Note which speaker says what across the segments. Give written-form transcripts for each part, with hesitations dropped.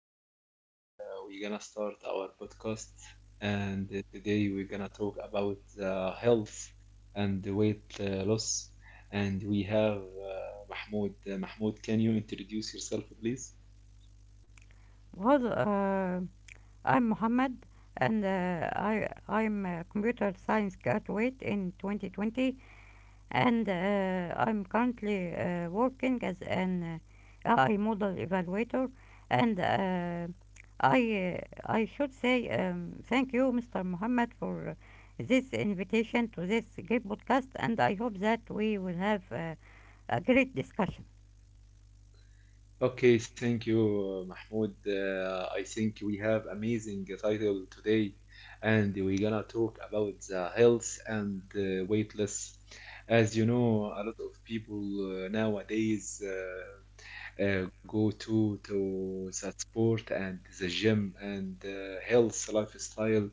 Speaker 1: today uh, we're gonna start our podcast, and today we're gonna talk about health and weight loss. And we have Mahmoud. Mahmoud, can you introduce yourself, please?
Speaker 2: Well, uh, I'm Mad and uh, I'm currently working as an AI model evaluator, and I should say thank you, Mr. Muhammad, for this invitation to this great podcast, and I hope that we will have a great discussion.
Speaker 1: Okay, thank you, Mahmoud. I think we have amazing title today, and we're gonna talk about the health and weight loss. As you know, a lot of people nowadays. Go to that sport and the gym and health lifestyle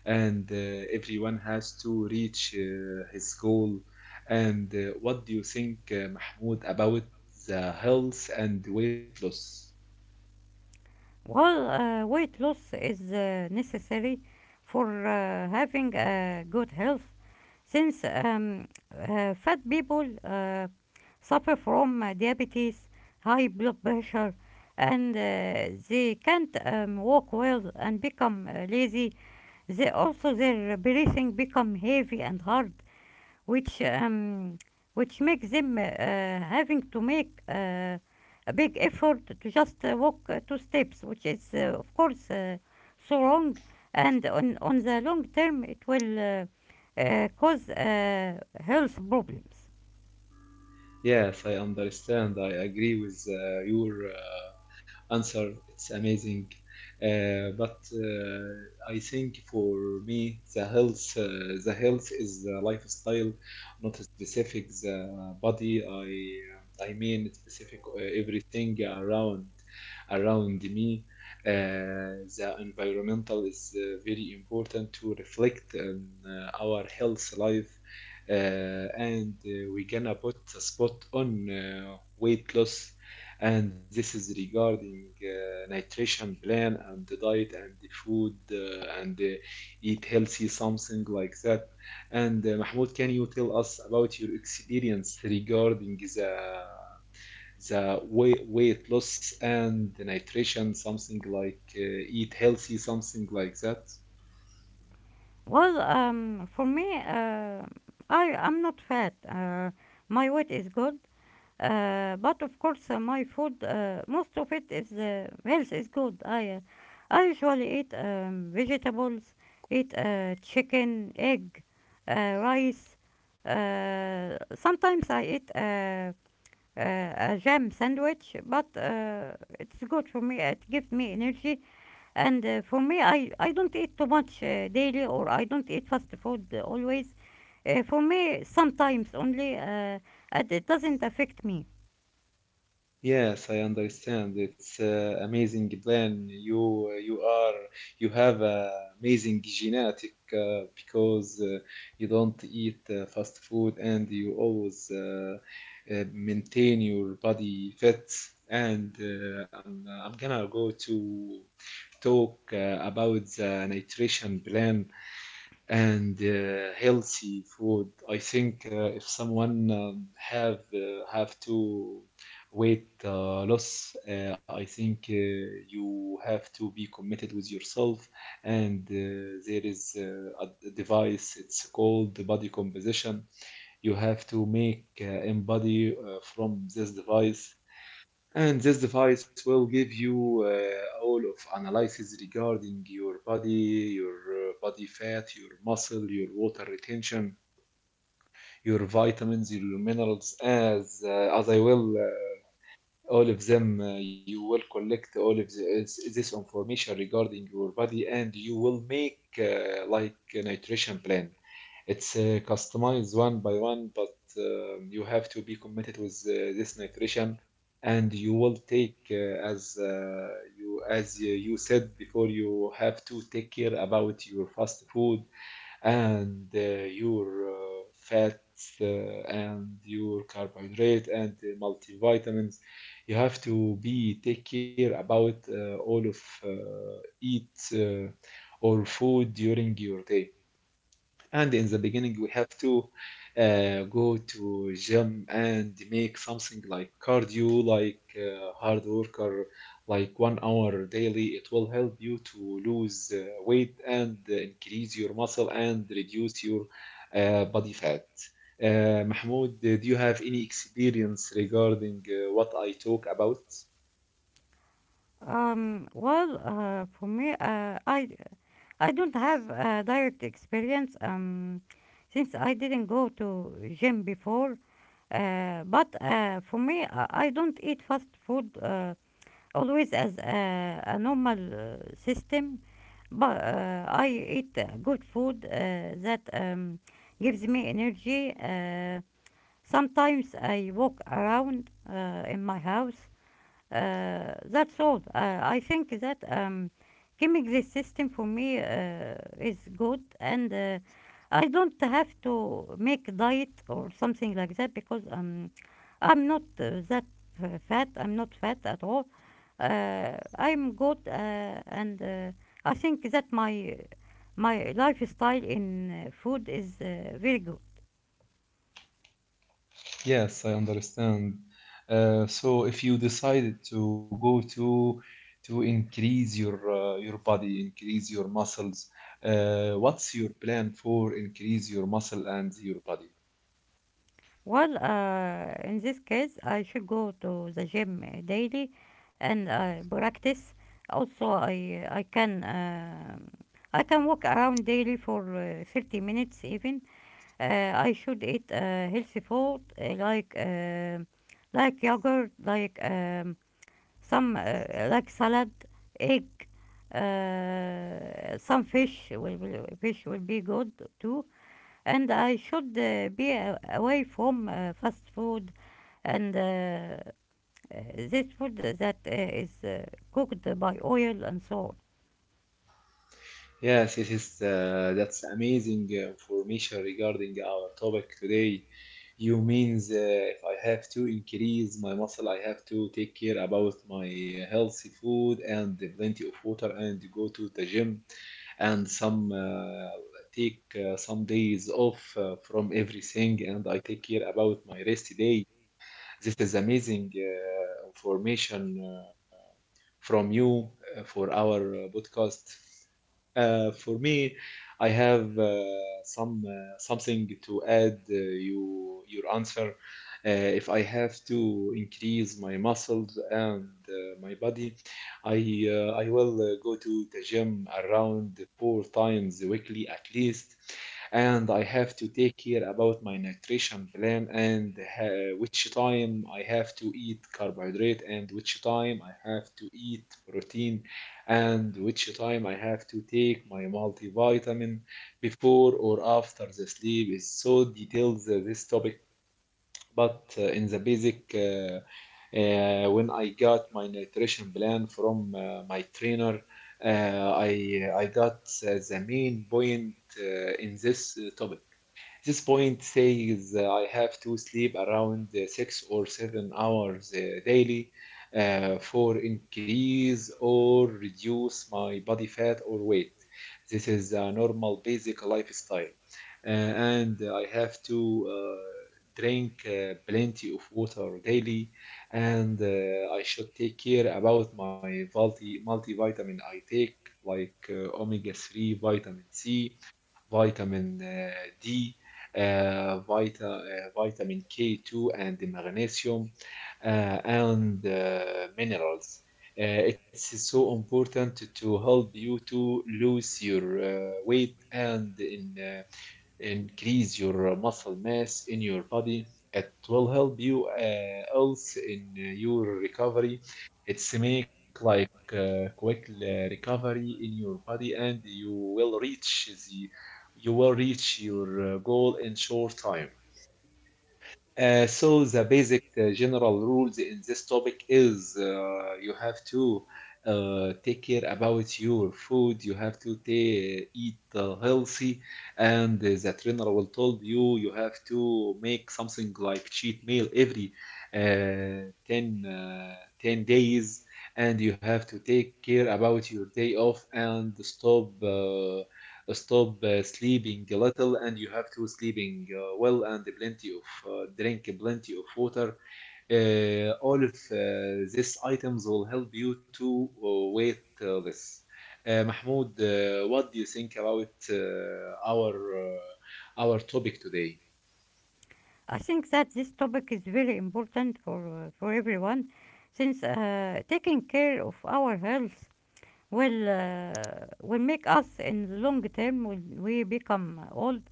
Speaker 1: and everyone has to reach his goal, and what do you think, mahmoud, about the health and weight loss?
Speaker 2: Well, weight loss is necessary for having a good health since fat people suffer from diabetes, high blood pressure, and they can't walk well and become lazy. They also their breathing become heavy and hard which um, which makes them having to make a big effort to just walk two steps, which is of course so wrong, and on the long term it will cause health problems.
Speaker 1: Yes, I understand. I agree with your answer. It's amazing. But I think for me, the health is the lifestyle, not a specific the body. I mean specific everything around me. The environmental is very important to reflect on our health life, uh, and we gonna put a spot on weight loss, and this is regarding nutrition plan and the diet and the food, and eat healthy something like that. And mahmoud, can you tell us about your experience regarding the weight loss and the nutrition, something like eat healthy something like that?
Speaker 2: Well, for me, I'm not fat. My weight is good. But of course, my food, most of it is health is good. I usually eat vegetables, eat chicken, egg, rice. Sometimes I eat a jam sandwich, but it's good for me, it gives me energy. And for me, I don't eat too much daily, or I don't eat fast food always. For me, sometimes only, and it doesn't affect me.
Speaker 1: Yes, I understand. It's amazing plan. You are you have amazing genetic because you don't eat fast food and you always maintain your body fit. And I'm gonna go to talk about the nutrition plan and healthy food. I think if someone have to weight loss, I think you have to be committed with yourself. And there is a device. It's called the body composition. You have to make in body from this device, and this device will give you all of analysis regarding your body fat, your muscle, your water retention, your vitamins, your minerals. As I will all of them, you will collect all of this information regarding your body, and you will make like a nutrition plan. It's customized one by one, but you have to be committed with this nutrition, and you will take as you as you said before, you have to take care about your fast food and your fats and your carbohydrate and the multivitamins. You have to be take care about all of eat or food during your day, and in the beginning we have to go to gym and make something like cardio like hard worker like 1 hour daily. It will help you to lose weight and increase your muscle and reduce your body fat. Mahmoud, do you have any experience regarding what I talk about?
Speaker 2: Well, for me, I don't have a direct experience, since I didn't go to gym before. But for me, I don't eat fast food always as a normal system. But I eat good food that gives me energy. Sometimes I walk around in my house, that's all. I think that giving this system for me is good, and I don't have to make a diet or something like that, because I'm not that fat. I'm not fat at all. I'm good, and I think that my lifestyle in food is very good.
Speaker 1: Yes, I understand. So if you decided to go to increase your body, increase your muscles, what's your plan for increase your muscle and your body?
Speaker 2: Well, in this case, I should go to the gym daily, and I practice. Also, I can walk around daily for 30 minutes even. I should eat healthy food like like yogurt, like salad, egg, some fish will be good too, and I should be away from fast food, and this food that is cooked by oil and so on.
Speaker 1: Yes, it is. That's amazing information regarding our topic today. You means if I have to increase my muscle, I have to take care about my healthy food and plenty of water and go to the gym, and some take some days off from everything, and I take care about my rest day. This is amazing information from you for our podcast. For me, I have some something to add you your answer. Uh, if I have to increase my muscles and my body, I I will go to the gym around 4 times weekly at least, and I have to take care about my nutrition plan and which time I have to eat carbohydrate and which time I have to eat protein and which time I have to take my multivitamin before or after the sleep. Is so detailed this topic, but in the basic when I got my nutrition plan from my trainer, I got the main point in this topic. This point says I have to sleep around 6 or 7 hours daily for increase or reduce my body fat or weight. This is a normal basic lifestyle. And I have to drink plenty of water daily. And I should take care about my multivitamin I take, like omega 3, vitamin C, vitamin D, vitamin K2, and the magnesium and minerals. It's so important to help you to lose your weight and in increase your muscle mass in your body. It will help you also in your recovery. It's make like quick recovery in your body, and you will reach the you will reach your goal in short time. So the basic general rules in this topic is you have to take care about your food. You have to eat healthy, and the trainer will told you you have to make something like cheat meal every 10 days, and you have to take care about your day off and stop sleeping little, and you have to sleeping well and plenty of drink plenty of water. All of these items will help you to weight less. Mahmoud, what do you think about our topic today?
Speaker 2: I think that this topic is very important for everyone, since taking care of our health will make us in the long term when we become old,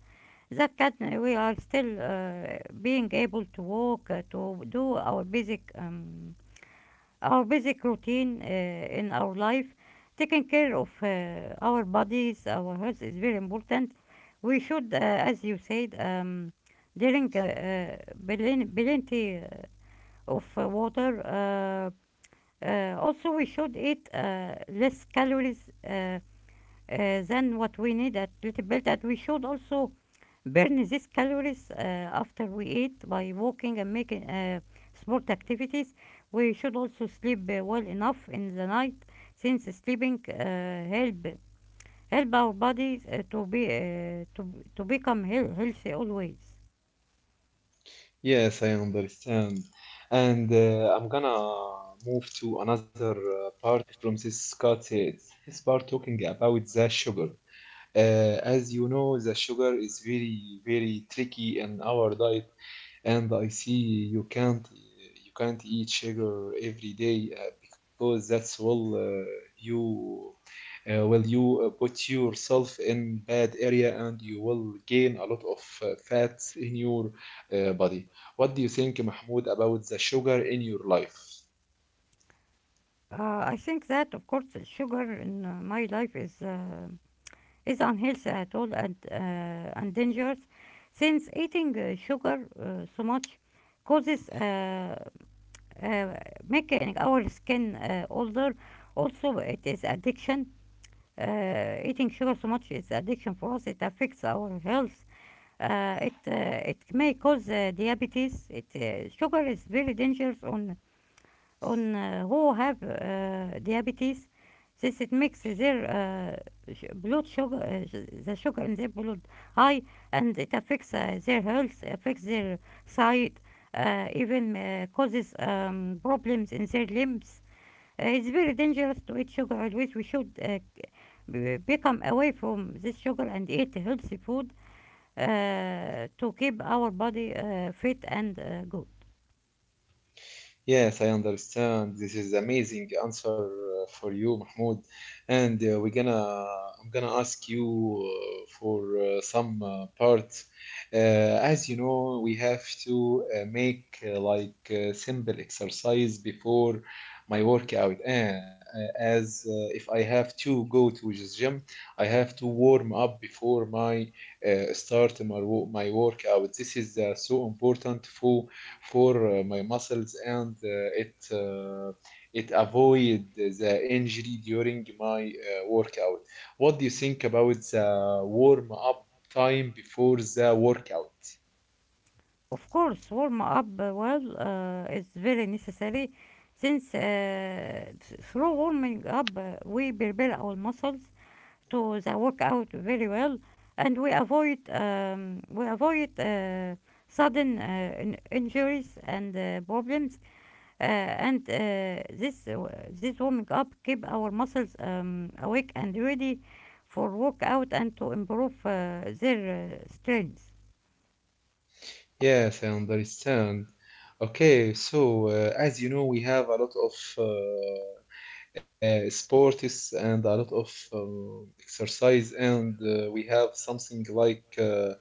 Speaker 2: that can we are still being able to walk to do our basic routine in our life. Taking care of our bodies, our health is very important. We should, as you said, drink plenty of water. Also, we should eat less calories than what we need a little bit. That we should also burn these calories after we eat by walking and making sport activities. We should also sleep well enough in the night, since sleeping help help our bodies to be to become healthy always.
Speaker 1: Yes, I understand. And I'm gonna move to another part from this cut. It's this part talking about the sugar. As you know, the sugar is very, very tricky in our diet, and I see you can't eat sugar every day because that's will you will you put yourself in bad area, and you will gain a lot of fats in your body. What do you think, Mahmoud, about the sugar in your life?
Speaker 2: I think that of course sugar in my life is unhealthy at all, and dangerous, since eating sugar so much causes, uh, making our skin older. Also, it is addiction. Eating sugar so much is addiction for us. It affects our health. It may cause diabetes. It Sugar is very dangerous on who have diabetes. This it makes their blood sugar, the sugar in their blood high, and it affects their health, affects their sight, even causes problems in their limbs. It's very dangerous to eat sugar always. We should, become away from this sugar and eat healthy food to keep our body fit and good.
Speaker 1: Yes, I understand. This is amazing answer for you, Mahmoud. And I'm gonna ask you for some parts. As you know, we have to make like simple exercise before my workout. And as if I have to go to this gym, I have to warm up before my my workout. This is so important for my muscles, and it avoid the injury during my workout. What do you think about the warm up time before the workout?
Speaker 2: Of course, warm up well is very necessary, since, through warming up, we prepare our muscles to the workout very well, and we avoid, sudden injuries and problems, uh, and this uh, this warming up keep our muscles awake and ready for workout, and to improve their strength.
Speaker 1: Yes, I understand. Okay, so as you know, we have a lot of sports and a lot of exercise, and we have something like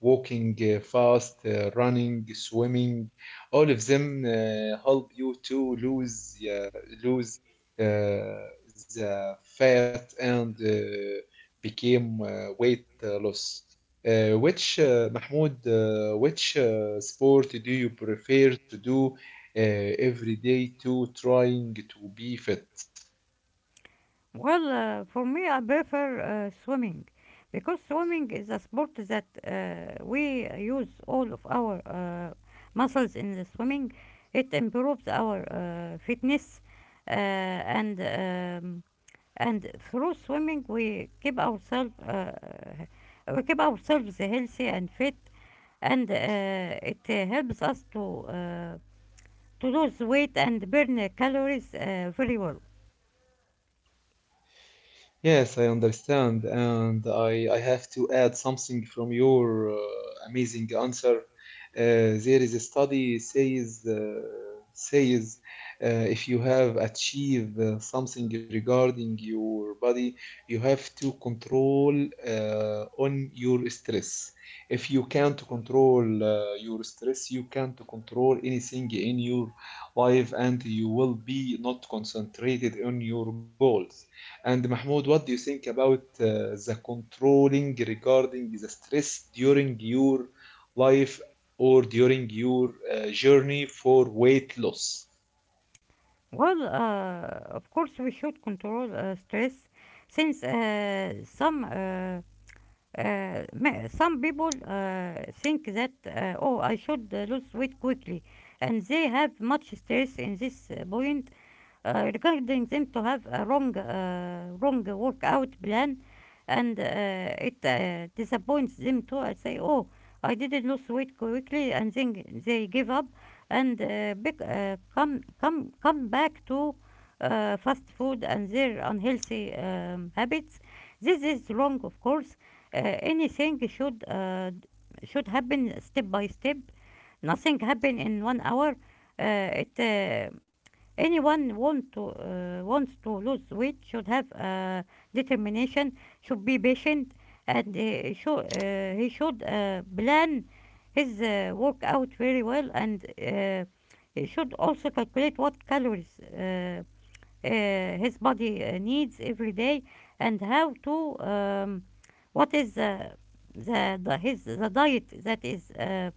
Speaker 1: walking fast running swimming. All of them help you to lose uh, the fat and became weight loss. Which Mahmoud, which sport do you prefer to do uh, every day to trying to be fit?
Speaker 2: Well, for me, I prefer swimming, because swimming is a sport that we use all of our muscles in the swimming. It improves our fitness, and and through swimming we keep ourselves healthy and fit, and it helps us uh, to lose weight and burn calories very well.
Speaker 1: Yes, I understand, and I have to add something from your amazing answer. There is a study says uh, if you have achieved something regarding your body, you have to control on your stress. If you can't control your stress, you can't control anything in your life, and you will be not concentrated on your goals. And Mahmoud, what do you think about the controlling regarding the stress during your life or during your journey for weight loss?
Speaker 2: Well, of course, we should control stress, since some people think that, oh, I should lose weight quickly, and they have much stress in this point, regarding them to have a wrong, wrong workout plan, and it disappoints them too. I say, oh, I didn't lose weight quickly, and then they give up, and come back to fast food and their unhealthy habits. This is wrong, of course. Anything should happen step by step. Nothing happen in 1 hour. It anyone want to wants to lose weight should have determination, should be patient, and he should plan his workout very well, and he should also calculate what calories uh, his body needs every day, and how to, what is the diet that is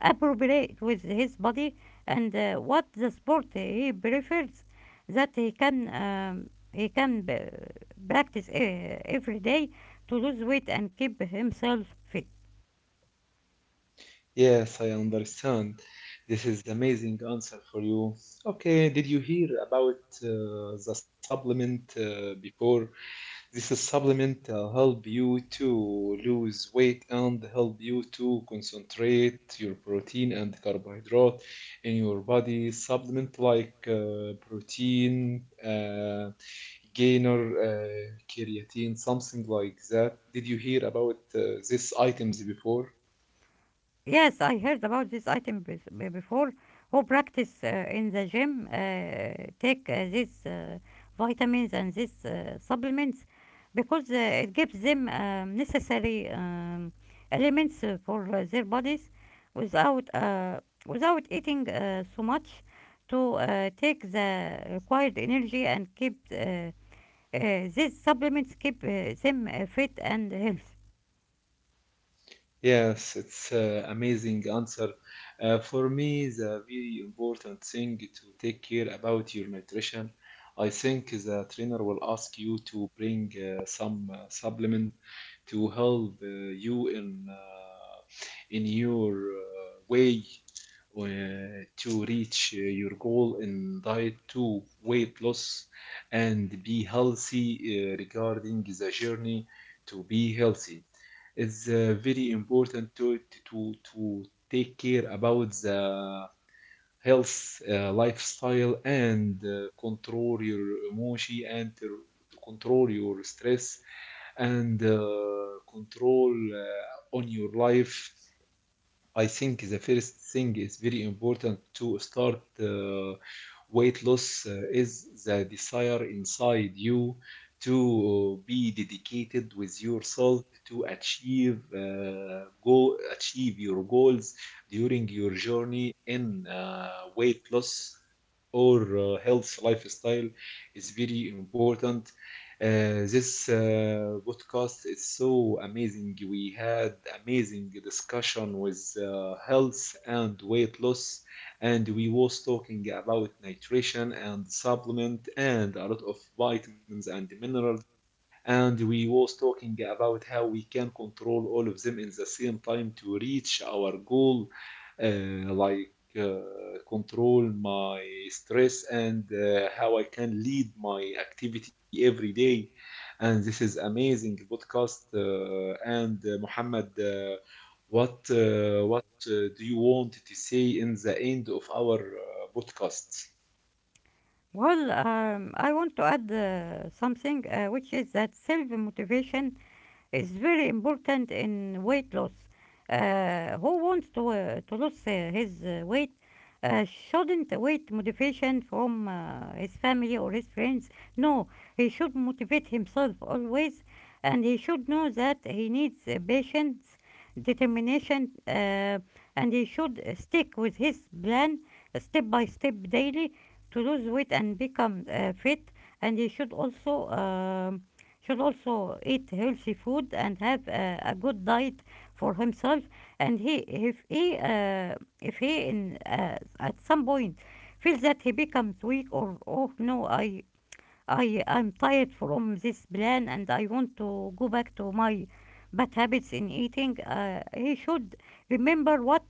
Speaker 2: appropriate with his body, and what the sport he prefers that he can, practice every day, to lose weight and keep himself fit.
Speaker 1: Yes, I understand. This is the amazing answer for you. Okay, did you hear about the supplement before? This is supplement help you to lose weight and help you to concentrate your protein and carbohydrate in your body. Supplement like protein gainer, creatine, something like that. Did you hear about these items before?
Speaker 2: Yes, I heard about this item before. Who practice in the gym take these vitamins and these supplements, because it gives them necessary elements for their bodies without, without eating so much, to take the required energy, and keep, these supplements keep them fit and healthy.
Speaker 1: Yes, it's amazing answer. For me, the very important thing to take care about your nutrition, I think the trainer will ask you to bring some supplement to help you in your way to reach your goal in diet to weight loss and be healthy. Regarding the journey to be healthy is very important to to to take care about the health lifestyle and control your emotion, and to control your stress, and control on your life. I think the first thing is very important to start weight loss, is the desire inside you to be dedicated with yourself to achieve your goals during your journey in weight loss or health lifestyle is very important. This podcast is so amazing. We had amazing discussion with health and weight loss, and we was talking about nutrition and supplement and a lot of vitamins and minerals, and we was talking about how we can control all of them in the same time to reach our goal, like uh, control my stress and how I can lead my activity every day. And this is amazing podcast. And Muhammad, what do you want to say in the end of our podcast?
Speaker 2: Well, I want to add something, which is that self motivation is very important in weight loss. Who wants to lose his weight shouldn't wait motivation from his family or his friends. No, he should motivate himself always, and he should know that he needs patience, determination, and he should stick with his plan step by step daily, to lose weight and become fit. And he should also eat healthy food and have a good diet for himself. And he if he if he in at some point feels that he becomes weak, or oh no, I I am tired from this plan and I want to go back to my bad habits in eating. He should remember what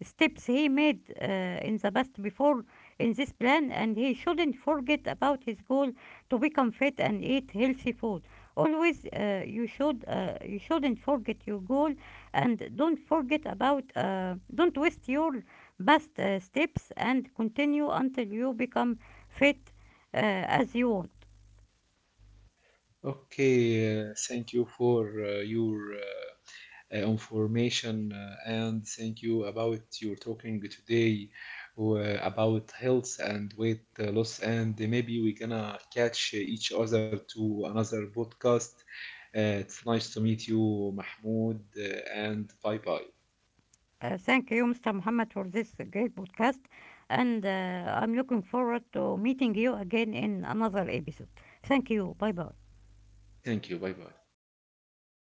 Speaker 2: steps he made in the past before in this plan, and he shouldn't forget about his goal to become fit and eat healthy food. Always, you shouldn't forget your goal, and don't forget about, don't waste your best steps, and continue until you become fit, as you want.
Speaker 1: Okay, thank you for your. Information, and thank you about your talking today about health and weight loss, and maybe we gonna catch each other to another podcast. It's nice to meet you, Mahmoud, and bye bye.
Speaker 2: Thank you, Mr. Muhammad, for this great podcast. And I'm looking forward to meeting you again in another episode. Thank you. Bye bye.
Speaker 1: Thank you. Bye bye.